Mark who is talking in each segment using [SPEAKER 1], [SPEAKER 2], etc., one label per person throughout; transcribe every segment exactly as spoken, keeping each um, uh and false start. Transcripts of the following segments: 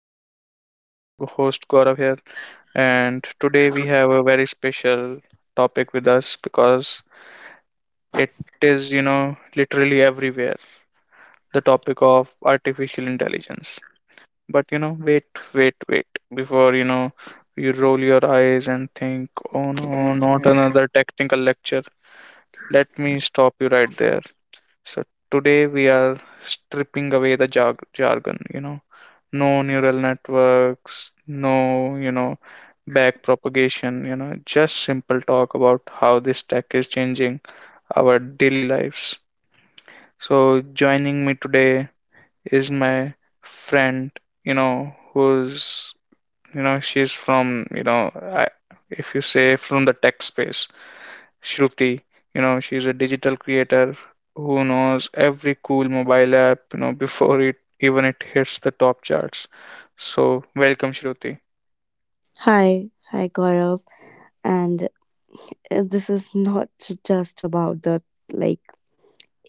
[SPEAKER 1] podcast. I'm your host Gaurav here, and today we have a very special topic with us because it is, you know, literally everywhere, the topic of artificial intelligence. But you know, wait, wait, wait before you know you roll your eyes and think, oh no, not another technical lecture. Let me stop you right there. So today we are stripping away the jarg- jargon, you know, no neural networks, no, you know, back propagation, you know, just simple talk about how this tech is changing our daily lives. So joining me today is my friend, you know, who's, you know, she's from, you know, I, if you say from the tech space. Shruti, you know, she's a digital creator who knows every cool mobile app, you know, before it even it hits the top charts. So welcome, Shruti.
[SPEAKER 2] Hi, hi Gaurav, and uh, this is not just about the like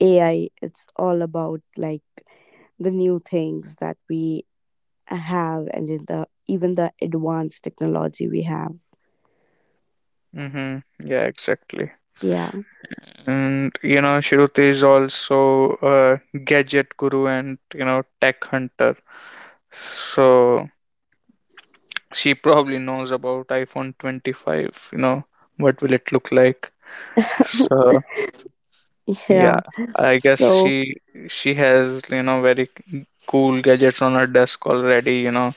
[SPEAKER 2] A I. It's all about like the new things that we have, and in the even the advanced technology we have.
[SPEAKER 1] Mm-hmm. Yeah, exactly.
[SPEAKER 2] Yeah,
[SPEAKER 1] And you know, Shruti is also a gadget guru and you know, tech hunter. So she probably knows about iPhone twenty-five, you know, what will it look like? So
[SPEAKER 2] yeah.
[SPEAKER 1] yeah, I guess
[SPEAKER 2] So,
[SPEAKER 1] she she has, you know, very cool gadgets on our desk already, you know,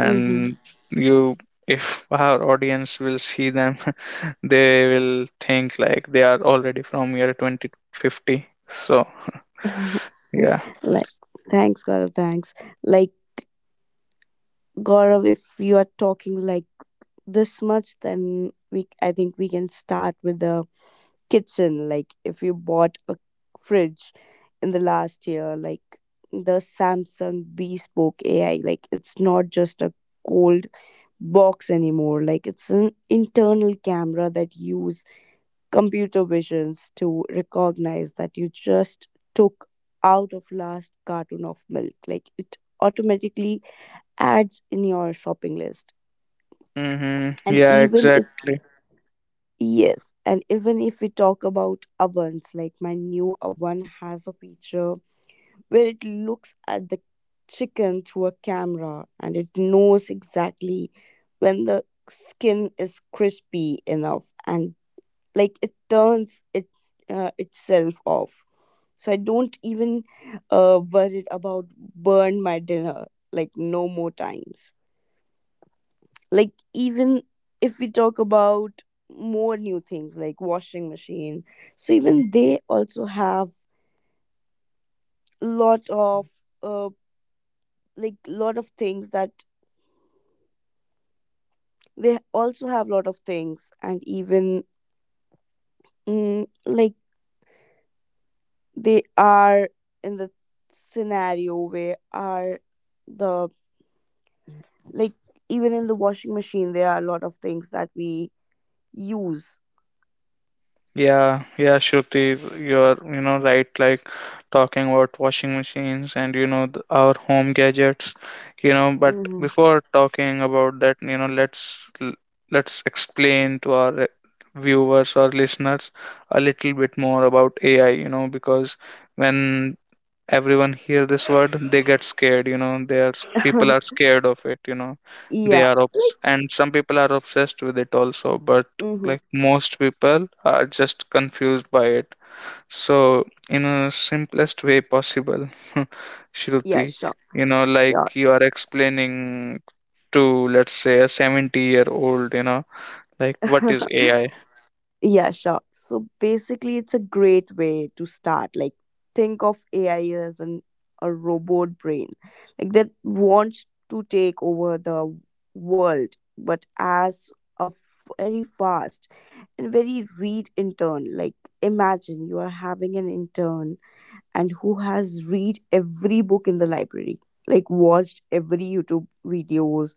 [SPEAKER 2] hmm
[SPEAKER 1] you if our audience will see them, they will think like they are already from year twenty fifty. So, yeah.
[SPEAKER 2] like, thanks Gaurav, thanks. Like Gaurav, if you are talking like this much, then we I think we can start with the kitchen, like if you bought a fridge in the last year, like the Samsung Bespoke A I. Like it's not just a cold box anymore, like it's an internal camera that use computer visions to recognize that you just took out of last carton of milk, like it automatically adds in your shopping list.
[SPEAKER 1] Mm-hmm.
[SPEAKER 2] And
[SPEAKER 1] Yeah,
[SPEAKER 2] even if
[SPEAKER 1] exactly.
[SPEAKER 2] Yes, and even if we talk about ovens, like my new oven has a feature where it looks at the chicken through a camera, and it knows exactly when the skin is crispy enough, and like it turns it uh, itself off. So I don't even uh, worried about burn my dinner, like no more times, like even if we talk about more new things like washing machine, so even they also have lot of uh like lot of things that they also have lot of things, and even mm, like they are in the scenario where are the like even in the washing machine there are a lot of things that we use.
[SPEAKER 1] Yeah, yeah, Shruti, you're, you know, right, like talking about washing machines and, you know, th our home gadgets, you know, but
[SPEAKER 2] Hmm.
[SPEAKER 1] before talking about that, you know, let's l- let's explain to our uh, viewers or listeners a little bit more about A I, you know, because when everyone hear this word they get scared you know they are people are scared of it you know they
[SPEAKER 2] Yeah,
[SPEAKER 1] are obs-
[SPEAKER 2] like,
[SPEAKER 1] and some people are obsessed with it also, but
[SPEAKER 2] hmm,
[SPEAKER 1] like most people are just confused by it. So in a simplest way possible,
[SPEAKER 2] yeah,
[SPEAKER 1] Shruti,
[SPEAKER 2] sure,
[SPEAKER 1] you know
[SPEAKER 2] sure.
[SPEAKER 1] like you are explaining to let's say a seventy year old, you know like what is AI?
[SPEAKER 2] Yeah, sure. So basically, it's a great way to start. Like, think of A I as an a robot brain, like that wants to take over the world, but as a f- very fast and very read intern. Like, imagine you are having an intern and who has read every book in the library, like watched every YouTube videos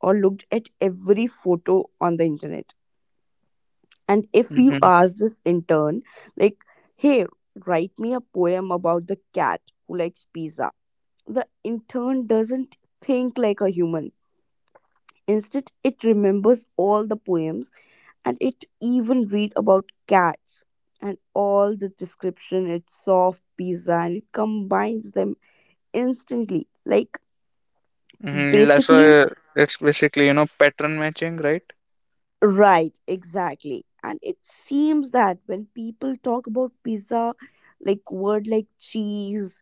[SPEAKER 2] or looked at every photo on the internet. And if you
[SPEAKER 1] Mm-hmm.
[SPEAKER 2] ask this intern, like, hey, write me a poem about the cat who likes pizza, the intern doesn't think like a human. Instead, it remembers all the poems, and it even read about cats and all the description. It's soft pizza, and it combines them instantly. Like,
[SPEAKER 1] Mm-hmm. That's
[SPEAKER 2] basically,
[SPEAKER 1] why it's basically, you know pattern matching, right?
[SPEAKER 2] right, exactly. And it seems that when people talk about pizza, like word like cheese,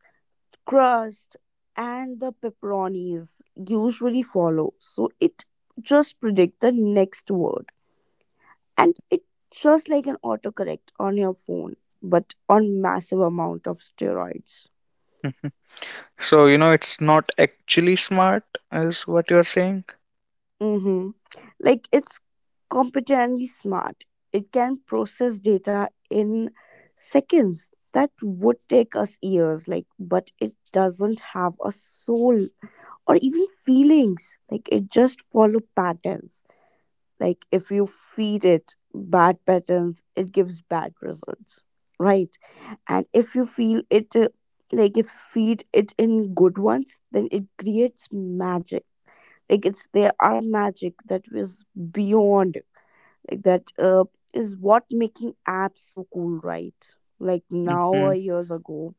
[SPEAKER 2] crust, and the pepperonis usually follow. So it just predict the next word. And it just like an autocorrect on your phone, but on massive amount of steroids.
[SPEAKER 1] So, you know, it's not actually smart, is what you're saying?
[SPEAKER 2] Mm-hmm. Like it's competently smart. It can process data in seconds that would take us years, like, but it doesn't have a soul or even feelings. Like it just follow patterns. Like if you feed it bad patterns, it gives bad results, right? And if you feel it uh, like if you feed it in good ones, then it creates magic. Like it's there are magic that is beyond, like that uh, is what making apps so cool, right? Like now
[SPEAKER 1] Hmm.
[SPEAKER 2] or years ago,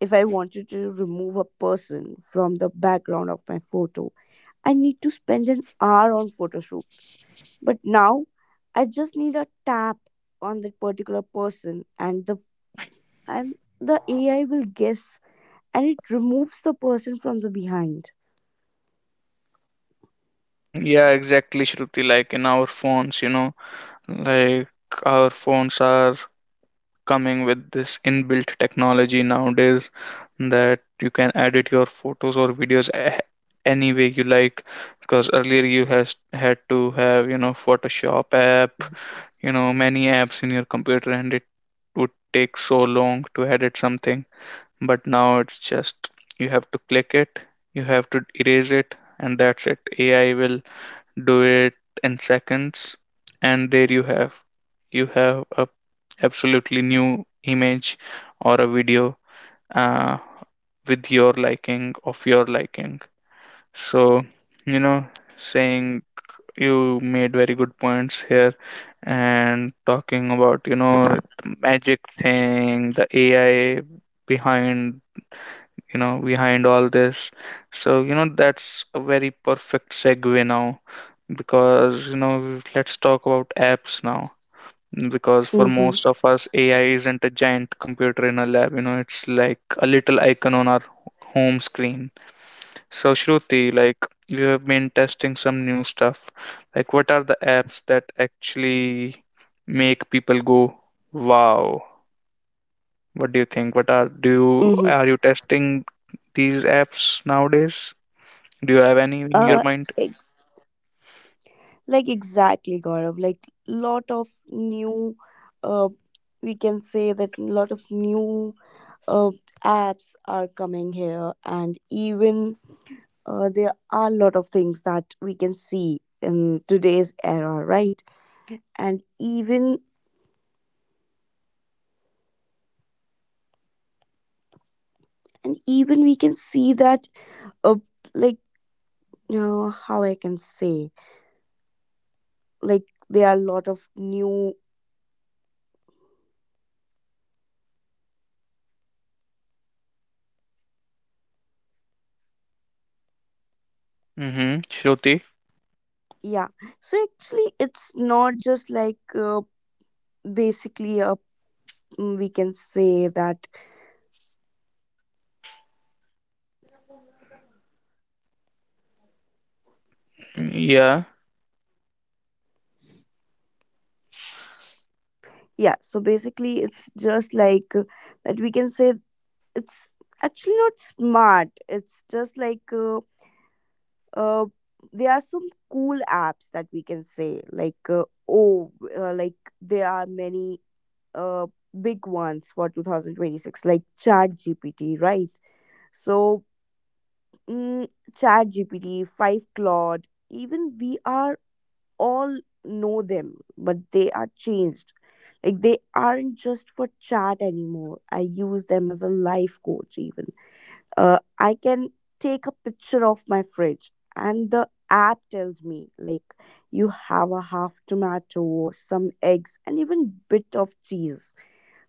[SPEAKER 2] if I wanted to remove a person from the background of my photo, I need to spend an hour on photo shoots. But now I just need a tap on that particular person, and the and the A I will guess, and it removes the person from the behind.
[SPEAKER 1] Yeah, exactly, Shruti. Like in our phones, you know, like our phones are coming with this inbuilt technology nowadays that you can edit your photos or videos a- any way you like. Because earlier you has had to have, you know, Photoshop app, you know, many apps in your computer, and it would take so long to edit something. But now it's just you have to click it, you have to erase it, and that's it. A I will do it in seconds, and there you have you have a absolutely new image or a video, uh, with your liking of your liking. So, you know, saying you made very good points here and talking about, you know the magic thing, the AI behind, you know, behind all this. So, you know, that's a very perfect segue now, because, you know, let's talk about apps now. Because for
[SPEAKER 2] Mm-hmm.
[SPEAKER 1] most of us, A I isn't a giant computer in a lab, you know, it's like a little icon on our home screen. So, Shruti, like, you have been testing some new stuff. Like, what are the apps that actually make people go, wow? What do you think? What
[SPEAKER 2] Mm-hmm.
[SPEAKER 1] are do you Are you testing these apps nowadays? Do you have
[SPEAKER 2] Uh
[SPEAKER 1] any in your
[SPEAKER 2] ex-
[SPEAKER 1] mind?
[SPEAKER 2] like exactly, Gaurav. Like lot of new uh we can say that lot of new uh apps are coming here, and even uh, there are a lot of things that we can see in today's era, right? And even and even we can see that uh, like uh, how I can say, like there are a lot of new.
[SPEAKER 1] Mm-hmm. Shruti?
[SPEAKER 2] Yeah, so actually it's not just like uh, basically a mm, we can say that.
[SPEAKER 1] Yeah.
[SPEAKER 2] Yeah, so basically it's just like uh, that we can say it's actually not smart, it's just like uh, uh, there are some cool apps that we can say, like uh, oh uh, like there are many uh, big ones for two thousand twenty-six, like chat G P T, right? So mm, chat G P T five, claude, even we are all know them, but they are changed, like they aren't just for chat anymore. I use them as a life coach. Even uh, I can take a picture of my fridge, and the app tells me, like, you have a half tomato, some eggs, and even bit of cheese.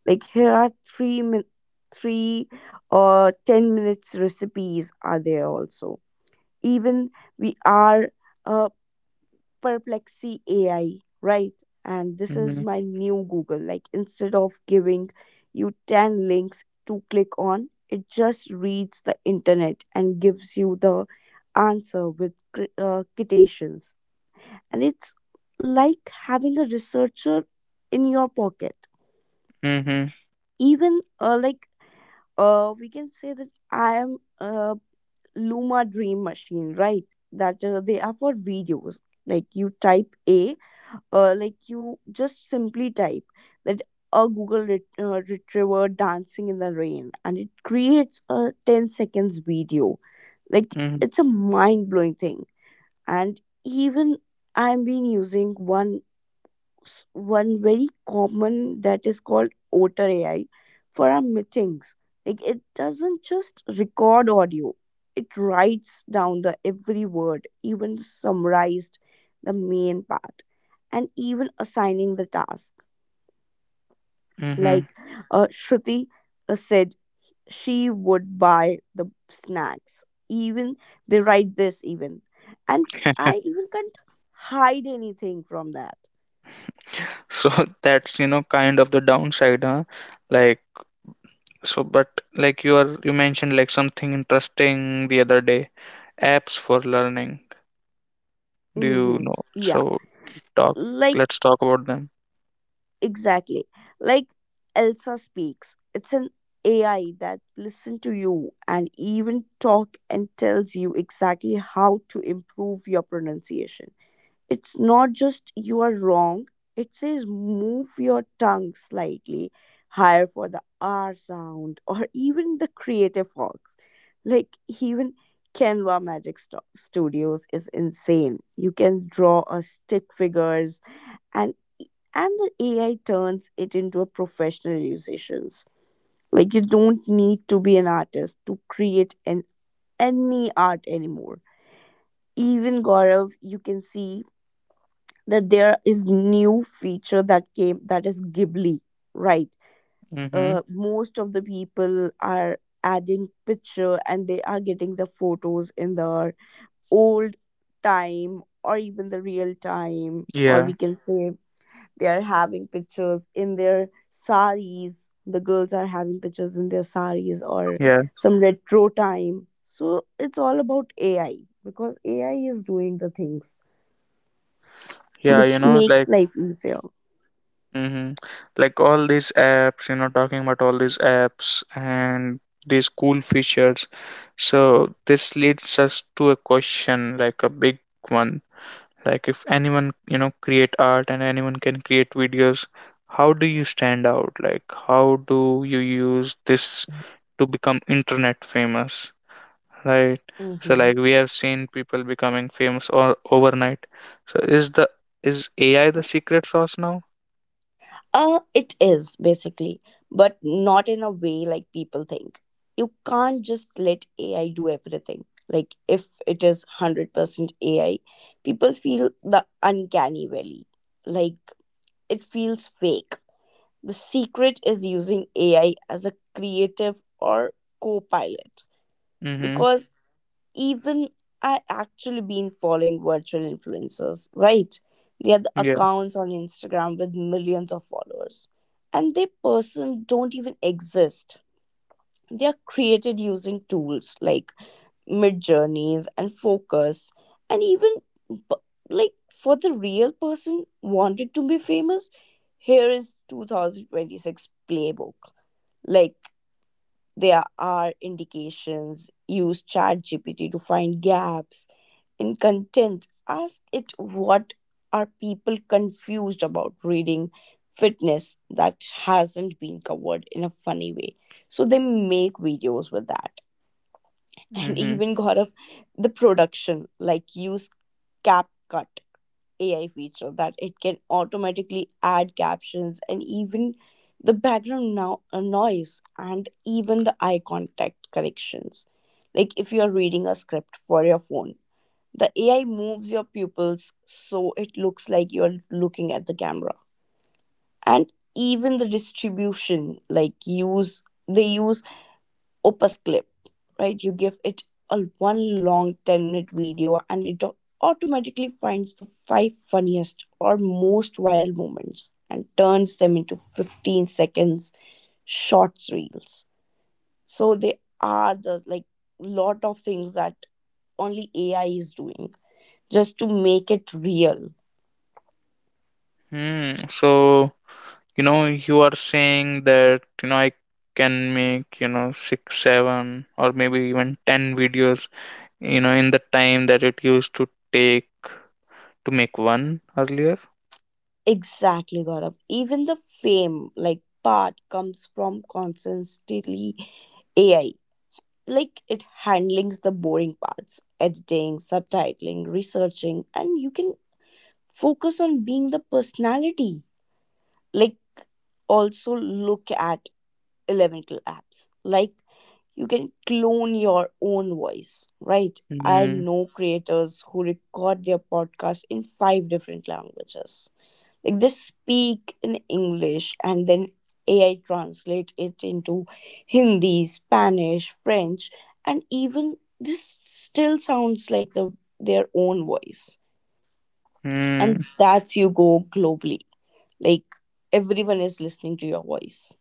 [SPEAKER 2] Like here are three min- three or ten minutes recipes are there also. Even we are uh, Perplexy A I, right? And this is
[SPEAKER 1] Mm-hmm.
[SPEAKER 2] my new Google. Like instead of giving you ten links to click on, it just reads the internet and gives you the answer with cri- uh, quotations. And it's like having a researcher in your pocket.
[SPEAKER 1] Mm-hmm.
[SPEAKER 2] Even uh, like uh, we can say that I am a Luma Dream Machine, right? That uh, they are for videos. Like you type A uh, like you just simply type that a google ret- uh, retriever dancing in the rain, and it creates a ten seconds video, like
[SPEAKER 1] Mm-hmm.
[SPEAKER 2] it's a mind blowing thing. And even I've been using one s- one very common that is called Otter A I for our meetings. Like it doesn't just record audio; it writes down the every word, even summarized the main part, and even assigning the task.
[SPEAKER 1] Mm-hmm.
[SPEAKER 2] Like uh, Shruti uh, said, she would buy the snacks. Even they write this even, and I even can't hide anything from that.
[SPEAKER 1] So, that's, you know, kind of the downside, huh? Like, so, but like you are, you mentioned like something interesting the other day, apps for learning. Do you
[SPEAKER 2] Hmm.
[SPEAKER 1] know?
[SPEAKER 2] Yeah,
[SPEAKER 1] So talk,
[SPEAKER 2] like,
[SPEAKER 1] let's talk about them.
[SPEAKER 2] exactly. Like Elsa speaks. It's an A I that listens to you and even talk and tells you exactly how to improve your pronunciation. It's not just you are wrong. It says move your tongue slightly higher for the R sound, or even the creative fox. Like even Canva Magic Sto- Studios is insane. You can draw a stick figures, and e, and the A I turns it into a professional musicians. Like you don't need to be an artist to create an any art anymore. Even Gaurav, you can see that there is new feature that came, that is Ghibli, right?
[SPEAKER 1] Mm-hmm.
[SPEAKER 2] Uh, most of the people are adding picture, and they are getting the photos in the old time or even the real time, or we
[SPEAKER 1] Yeah.
[SPEAKER 2] can say. They are having pictures in their saris. The girls are having pictures in their saris, or
[SPEAKER 1] Yeah.
[SPEAKER 2] some retro time. So it's all about A I, because A I is doing the things
[SPEAKER 1] Yeah. You
[SPEAKER 2] which
[SPEAKER 1] know,
[SPEAKER 2] makes
[SPEAKER 1] like,
[SPEAKER 2] life easier.
[SPEAKER 1] Mm-hmm. Like all these apps, you know, talking about all these apps and these cool features. So this leads us to a question, like a big one. Like if anyone, you know, create art and anyone can create videos, how do you stand out? Like how do you use this to become internet famous, right? So
[SPEAKER 2] Mm-hmm.
[SPEAKER 1] like we have seen people becoming famous or overnight. So is the is A I the secret sauce now?
[SPEAKER 2] Uh, it is basically, but not in a way like people think. You can't just let A I do everything. Like if it is one hundred percent A I, people feel the uncanny valley. Like it feels fake. The secret is using A I as a creative or co pilot,
[SPEAKER 1] Mm-hmm.
[SPEAKER 2] because even I actually been following virtual influencers, right? They are the accounts on Instagram with millions of followers, and they person don't even exist. They are created using tools like Mid Journeys and Focus, and even b- like for the real person wanted to be famous, here is two thousand twenty-six playbook. Like there are indications, use chat G P T to find gaps in content, ask it what are people confused about reading fitness that hasn't been covered in a funny way, so they make videos with that. And
[SPEAKER 1] Mm-hmm.
[SPEAKER 2] even got of the production, like use CapCut A I feature that it can automatically add captions and even the background now uh, noise, and even the eye contact corrections. Like if you are reading a script for your phone, the A I moves your pupils so it looks like you are looking at the camera. And even the distribution, like use they use opus clip, right? You give it a one long ten minute video, and it au- automatically finds the five funniest or most viral moments, and turns them into fifteen seconds shorts reels. So they are the like lot of things that only A I is doing, just to make it real.
[SPEAKER 1] Hmm. So, you know, you are saying that, you know, I can make, you know, six, seven, or maybe even ten videos, you know, in the time that it used to take to make one earlier.
[SPEAKER 2] Exactly, Gaurav. Even the fame like part comes from constantly A I. Like it handlings the boring parts, editing, subtitling, researching, and you can focus on being the personality. Like also look at elemental apps, like you can clone your own voice, right? I
[SPEAKER 1] Mm-hmm.
[SPEAKER 2] know creators who record their podcast in five different languages, like they speak in English, and then A I translate it into Hindi, Spanish, French, and even this still sounds like the their own voice.
[SPEAKER 1] Hmm.
[SPEAKER 2] And that's you go globally, like everyone is listening to your voice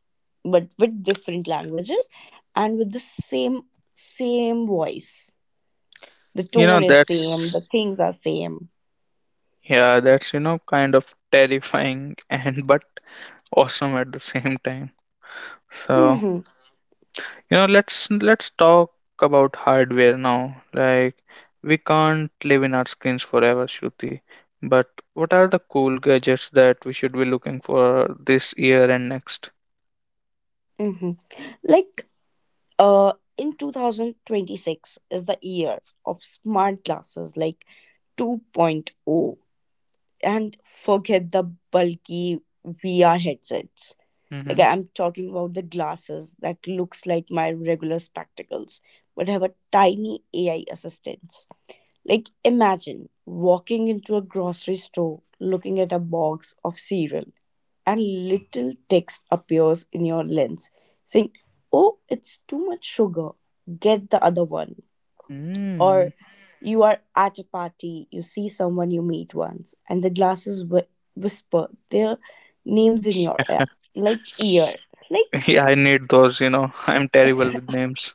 [SPEAKER 2] but with different languages, and with the same same voice, the
[SPEAKER 1] You know,
[SPEAKER 2] tone is same, the
[SPEAKER 1] that's,
[SPEAKER 2] things are same.
[SPEAKER 1] yeah, that's, you know, kind of terrifying and but awesome at the same time. So,
[SPEAKER 2] hmm
[SPEAKER 1] You know, let's let's talk about hardware now. Like we can't live in our screens forever, Shruti. But what are the cool gadgets that we should be looking for this year and next?
[SPEAKER 2] hmm like uh, in twenty twenty-six is the year of smart glasses, like 2.0 point oh, and forget the bulky V R headsets. Like
[SPEAKER 1] Mm-hmm.
[SPEAKER 2] I'm talking about the glasses that looks like my regular spectacles but have a tiny A I assistance. Like, imagine walking into a grocery store, looking at a box of cereal, and little text appears in your lens saying, "Oh, it's too much sugar, get the other one." Or
[SPEAKER 1] Mm.
[SPEAKER 2] you are at a party, you see someone you meet once, and the glasses whi- whisper their names in your ear, like ear. Like,
[SPEAKER 1] Yeah, I need those, you know. I'm terrible with names.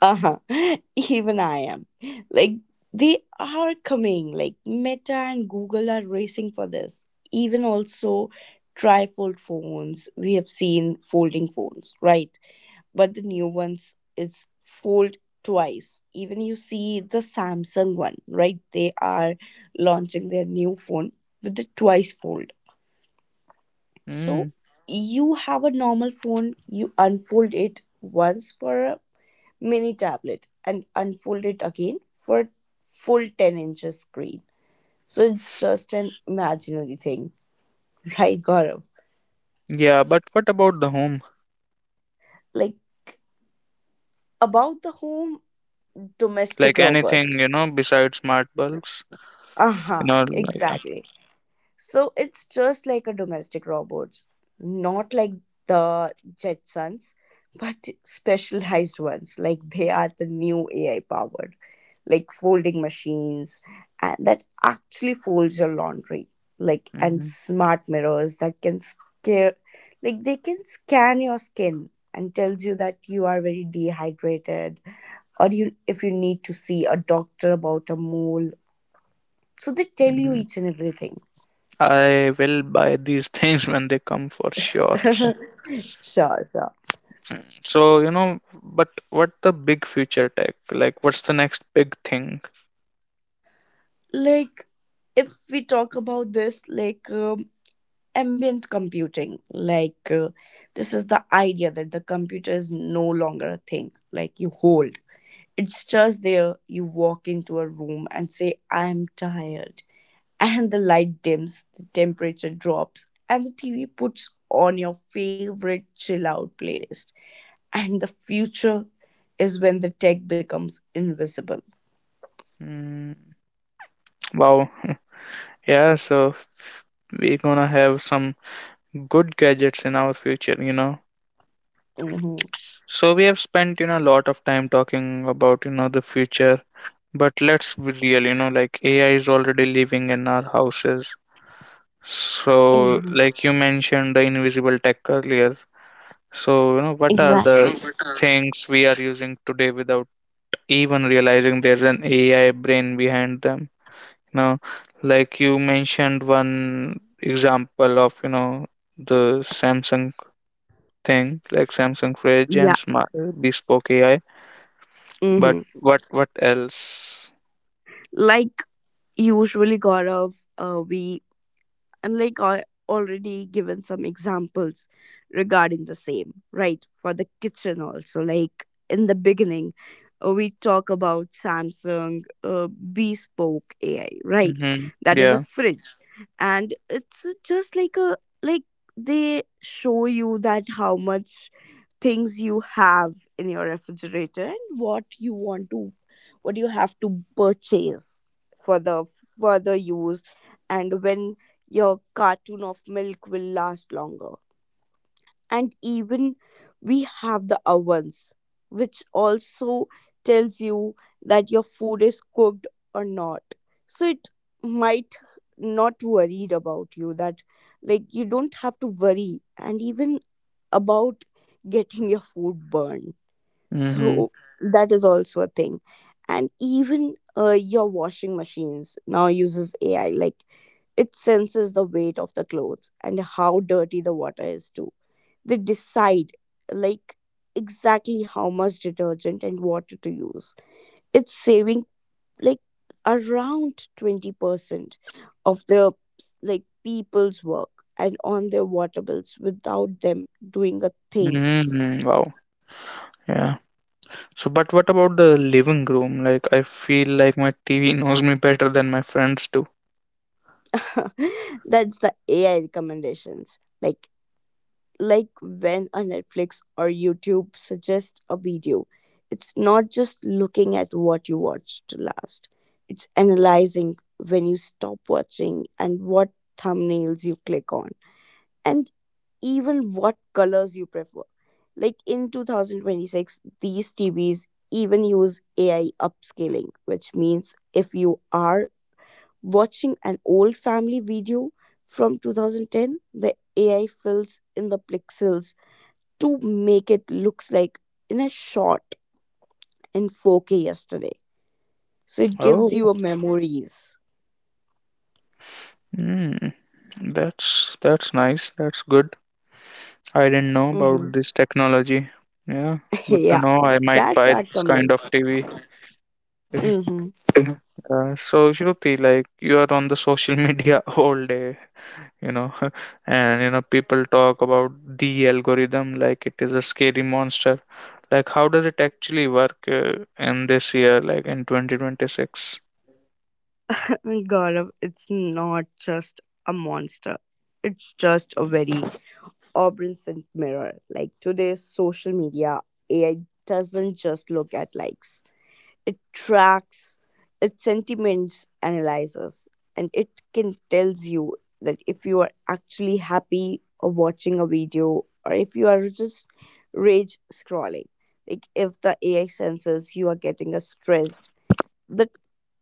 [SPEAKER 2] uh-huh. Even I am. Like they are coming. Like Meta and Google are racing for this. Even also trifold phones. We have seen folding phones, right? But the new ones is fold twice. Even you see the Samsung one, right? They are launching their new phone with the twice fold. So
[SPEAKER 1] Mm.
[SPEAKER 2] you have a normal phone, you unfold it once for mini tablet and unfold it again for full ten inches screen. So it's just an imaginary thing, right, Gaurav?
[SPEAKER 1] Yeah, but what about the home?
[SPEAKER 2] Like about the home domestic
[SPEAKER 1] Like anything,
[SPEAKER 2] robots.
[SPEAKER 1] you know, besides smart bulbs?
[SPEAKER 2] Uh
[SPEAKER 1] You
[SPEAKER 2] huh,
[SPEAKER 1] know, like- yeah.
[SPEAKER 2] exactly. So it's just like a domestic robots, not like the Jetsons, but specialized ones. Like they are the new A I powered, like folding machines and that actually folds your laundry. Like and
[SPEAKER 1] hmm
[SPEAKER 2] smart mirrors that can scare, like they can scan your skin and tells you that you are very dehydrated or you if you need to see a doctor about a mole. So they tell you
[SPEAKER 1] hmm
[SPEAKER 2] each and everything.
[SPEAKER 1] I will buy these things when they come for sure.
[SPEAKER 2] Sure, sure.
[SPEAKER 1] So, you know, but what the big future tech? Like, what's the next big thing?
[SPEAKER 2] like if we talk about this like um, ambient computing like uh, this is the idea that the computer is no longer a thing like you hold. It's just there. You walk into a room and say, I'm tired, and the light dims, the temperature drops, and the TV puts on your favorite chill out playlist. And the future is when the tech becomes invisible.
[SPEAKER 1] Mm, wow. Yeah, so we're gonna have some good gadgets in our future, you know.
[SPEAKER 2] Mhm.
[SPEAKER 1] So we have spent, you know, a lot of time talking about, you know, the future, but let's be real, you know, like A I is already living in our houses.
[SPEAKER 2] Mhm.
[SPEAKER 1] So, like you mentioned the invisible tech earlier. So, you know, what are
[SPEAKER 2] Exactly.
[SPEAKER 1] the things we are using today without even realizing there's an A I brain behind them. You know, like you mentioned one example of, you know, the Samsung thing, like Samsung fridge
[SPEAKER 2] Yeah.
[SPEAKER 1] and smart, uh, bespoke A I. But
[SPEAKER 2] Hmm.
[SPEAKER 1] what what else?
[SPEAKER 2] Like usually, Gaurav, uh, we and like i already given some examples regarding the same, right? For the kitchen also, like in the beginning uh, we talk about Samsung uh, bespoke AI, right?
[SPEAKER 1] Mm-hmm.
[SPEAKER 2] That is a
[SPEAKER 1] Yeah.
[SPEAKER 2] fridge, and it's just like a like they show you that how much things you have in your refrigerator and what you want to, what you have to purchase for the further use, and when your cartoon of milk will last longer. And even we have the ovens, which also tells you that your food is cooked or not. So it might not worried about you that like you don't have to worry and even about getting your food burned.
[SPEAKER 1] Mm-hmm.
[SPEAKER 2] So that is also a thing. And even uh, your washing machines now uses A I. Like it senses the weight of the clothes and how dirty the water is, too. They decide, like, exactly how much detergent and water to use. It's saving, like, around twenty percent of their, like, people's work and on their water bills without them doing a thing.
[SPEAKER 1] Mm-hmm. Wow. Yeah. So, but what about the living room? Like, I feel like my T V knows me better than my friends do.
[SPEAKER 2] That's the A I recommendations. Like, like when a Netflix or YouTube suggests a video, it's not just looking at what you watched last, it's analyzing when you stop watching and what thumbnails you click on, and even what colors you prefer. Like in twenty twenty-six, these T Vs even use A I upscaling, which means if you are watching an old family video from twenty ten, the A I fills in the pixels to make it looks like in a shot in four K yesterday. So it gives
[SPEAKER 1] Oh.
[SPEAKER 2] you a memories.
[SPEAKER 1] Mm. That's that's nice. That's good. I didn't know
[SPEAKER 2] Hmm.
[SPEAKER 1] about this technology. Yeah, good to
[SPEAKER 2] Yeah,
[SPEAKER 1] know. I might
[SPEAKER 2] that's
[SPEAKER 1] buy
[SPEAKER 2] our
[SPEAKER 1] this kind
[SPEAKER 2] coming.
[SPEAKER 1] of T V.
[SPEAKER 2] Hmm.
[SPEAKER 1] Uh, so Shruti, like you are on the social media all day, you know, and you know people talk about the algorithm like it is a scary monster. Like how does it actually work, uh, in this year, like in twenty twenty-six?
[SPEAKER 2] Gaurav, it's not just a monster. It's just a very obscene mirror. Like today's social media, A I doesn't just look at likes. It tracks its sentiments, analyzes, and it can tells you that if you are actually happy or watching a video or if you are just rage scrolling. Like if the A I senses you are getting a stressed, that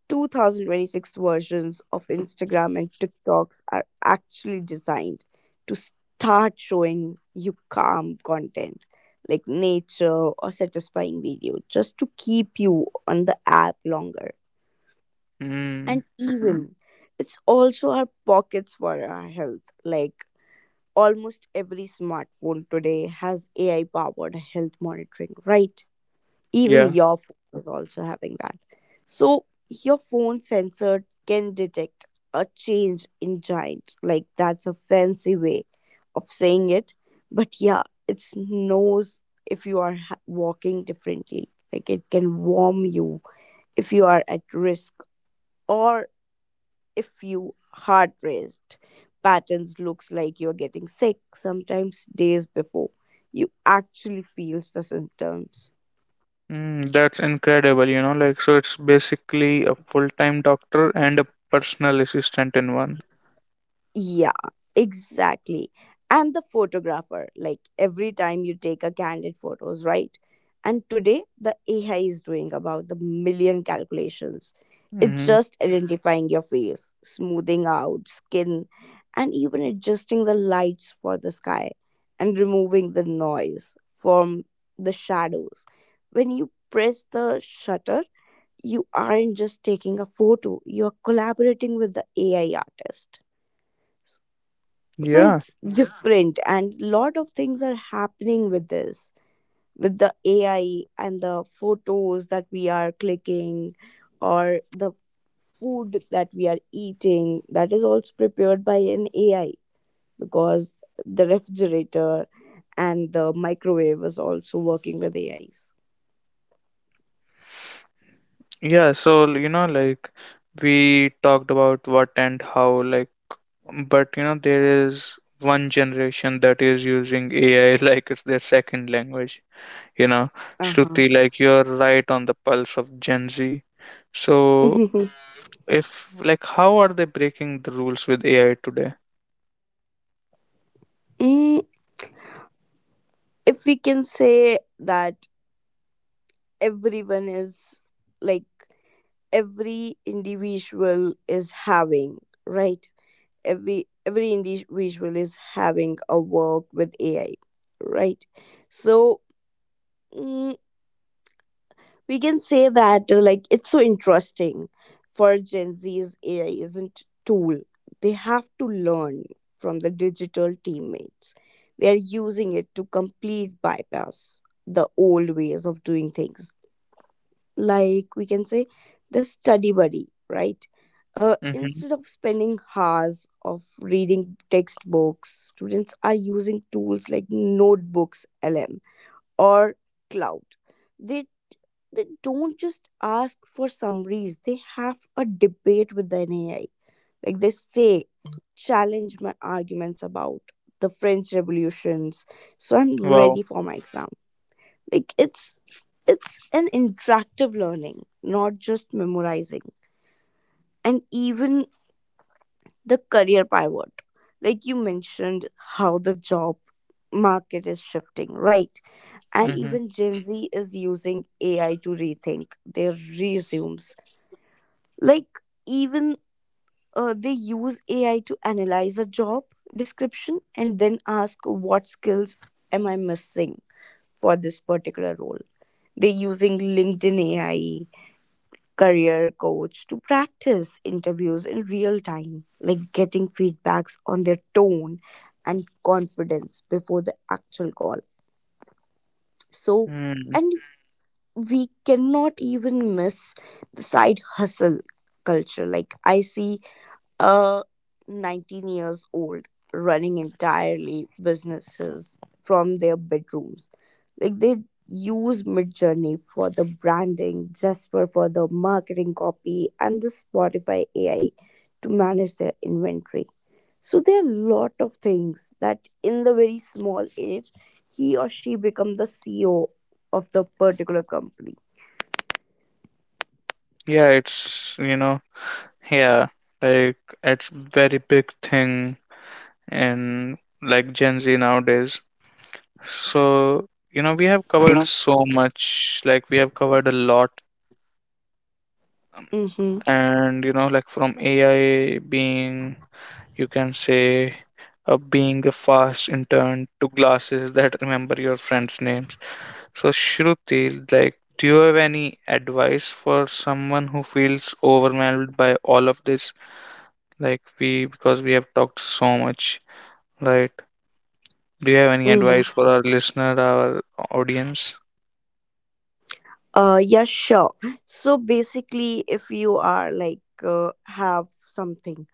[SPEAKER 2] twenty twenty-six versions of Instagram and TikToks are actually designed to start showing you calm content like nature or satisfying video just to keep you on the app longer.
[SPEAKER 1] Mm,
[SPEAKER 2] And even it's also our pockets for our health. Like almost every smartphone today has A I powered health monitoring, right? Even
[SPEAKER 1] yeah.
[SPEAKER 2] your phone is also having that. So your phone sensor can detect a change in giant. Like that's a fancy way of saying it. But yeah, it knows if you are ha- walking differently. Like it can warn you if you are at risk or if you heart raced patterns looks like you're getting sick sometimes days before you actually feels the symptoms.
[SPEAKER 1] Mm, that's incredible, you know, like so it's basically a full-time doctor and a personal assistant in one.
[SPEAKER 2] Yeah, exactly. And the photographer, like every time you take a candid photos, right? And today the A I is doing about the million calculations. It's
[SPEAKER 1] Mm-hmm.
[SPEAKER 2] just identifying your face, smoothing out skin, and even adjusting the lights for the sky and removing the noise from the shadows. When you press the shutter, you aren't just taking a photo, you're collaborating with the A I artist. So
[SPEAKER 1] Yeah,
[SPEAKER 2] it's, yeah, different, and lot of things are happening with this, with the AI and the photos that we are clicking or the food that we are eating, that is also prepared by an AI, because the refrigerator and the microwave is also working with A Is.
[SPEAKER 1] yeah, so you know, like we talked about what and how, like, but you know, there is one generation that is using A I like it's their second language. You know, Shruti,
[SPEAKER 2] Uh-huh.
[SPEAKER 1] like you're right on the pulse of Gen Z. So, if like, how are they breaking the rules with A I today?
[SPEAKER 2] mm, if we can say that everyone is, like, every individual is having, right, every every individual is having a work with AI, right? So, mm, we can say that uh, like it's so interesting. For Gen Z's, AI isn't tool they have to learn from, the digital teammates. They are using it to complete bypass the old ways of doing things. Like, we can say, the study buddy, right? Uh,
[SPEAKER 1] Mm-hmm.
[SPEAKER 2] instead of spending hours of reading textbooks, students are using tools like Notebooks L M or Cloud. They they don't just ask for summaries, they have a debate with the A I. Like they say, challenge my arguments about the French revolutions so I'm
[SPEAKER 1] Wow.
[SPEAKER 2] ready for my exam. Like it's it's an interactive learning, not just memorizing. And even the career pivot, like you mentioned, how the job market is shifting, right? And
[SPEAKER 1] Mm-hmm.
[SPEAKER 2] even Gen Z is using AI to rethink their resumes. Like, even uh, they use AI to analyze a job description and then ask, what skills am I missing for this particular role? They're using LinkedIn AI career coach to practice interviews in real time, like getting feedbacks on their tone and confidence before the actual call. So,
[SPEAKER 1] Mm.
[SPEAKER 2] and we cannot even miss the side hustle culture. Like, I see a nineteen years old running entirely businesses from their bedrooms. Like they use Midjourney for the branding, Jasper for the marketing copy, and the Spotify AI to manage their inventory. So there are a lot of things that in the very small age he or she become the C E O of the particular company.
[SPEAKER 1] Yeah, it's you know, yeah, like it's very big thing in like Gen Z nowadays. So, you know, we have
[SPEAKER 2] You
[SPEAKER 1] covered
[SPEAKER 2] know.
[SPEAKER 1] so much, like we have covered a lot,
[SPEAKER 2] Mm-hmm.
[SPEAKER 1] and you know, like from A I being, you can say, uh, being a fast intern to glasses that remember your friends' names. So, Shruti, like, do you have any advice for someone who feels overwhelmed by all of this? Like we, because we have talked so much, right? Do you have any
[SPEAKER 2] Mm-hmm.
[SPEAKER 1] advice for our listener, our audience?
[SPEAKER 2] Uh, yeah, sure. So basically, if you are like uh, have something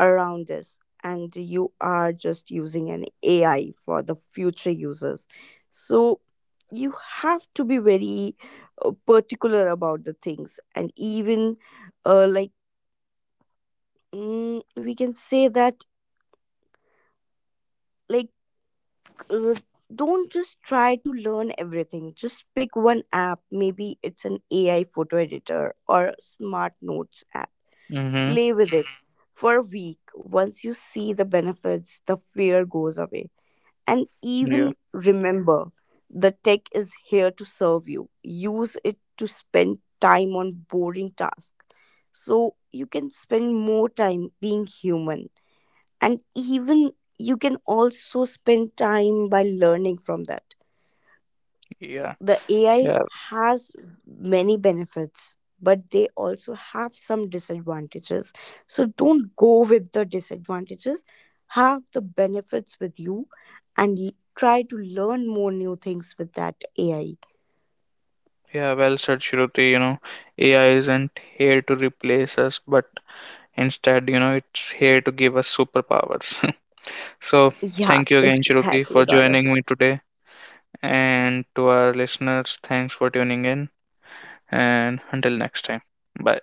[SPEAKER 2] around us and you are just using an A I for the future users, so you have to be very uh, particular about the things, and even uh, like mm, we can say that like. Uh, don't just try to learn everything, just pick one app, maybe it's an AI photo editor or a smart notes app.
[SPEAKER 1] Mm-hmm.
[SPEAKER 2] Play with it for a week. Once you see the benefits, the fear goes away. And
[SPEAKER 1] Yeah.
[SPEAKER 2] even remember, the tech is here to serve you. Use it to spend time on boring tasks so you can spend more time being human. And even you can also spend time by learning from that.
[SPEAKER 1] Yeah.
[SPEAKER 2] The A I
[SPEAKER 1] Yeah.
[SPEAKER 2] has many benefits, but they also have some disadvantages. So don't go with the disadvantages. Have the benefits with you and l- try to learn more new things with that A I.
[SPEAKER 1] Yeah, well said, Shruti. You know, A I isn't here to replace us, but instead, you know, it's here to give us superpowers. So,
[SPEAKER 2] Yeah,
[SPEAKER 1] thank you again, Shruti,
[SPEAKER 2] exactly,
[SPEAKER 1] for
[SPEAKER 2] Gaurav.
[SPEAKER 1] joining me today. And to our listeners, thanks for tuning in. And until next time, bye.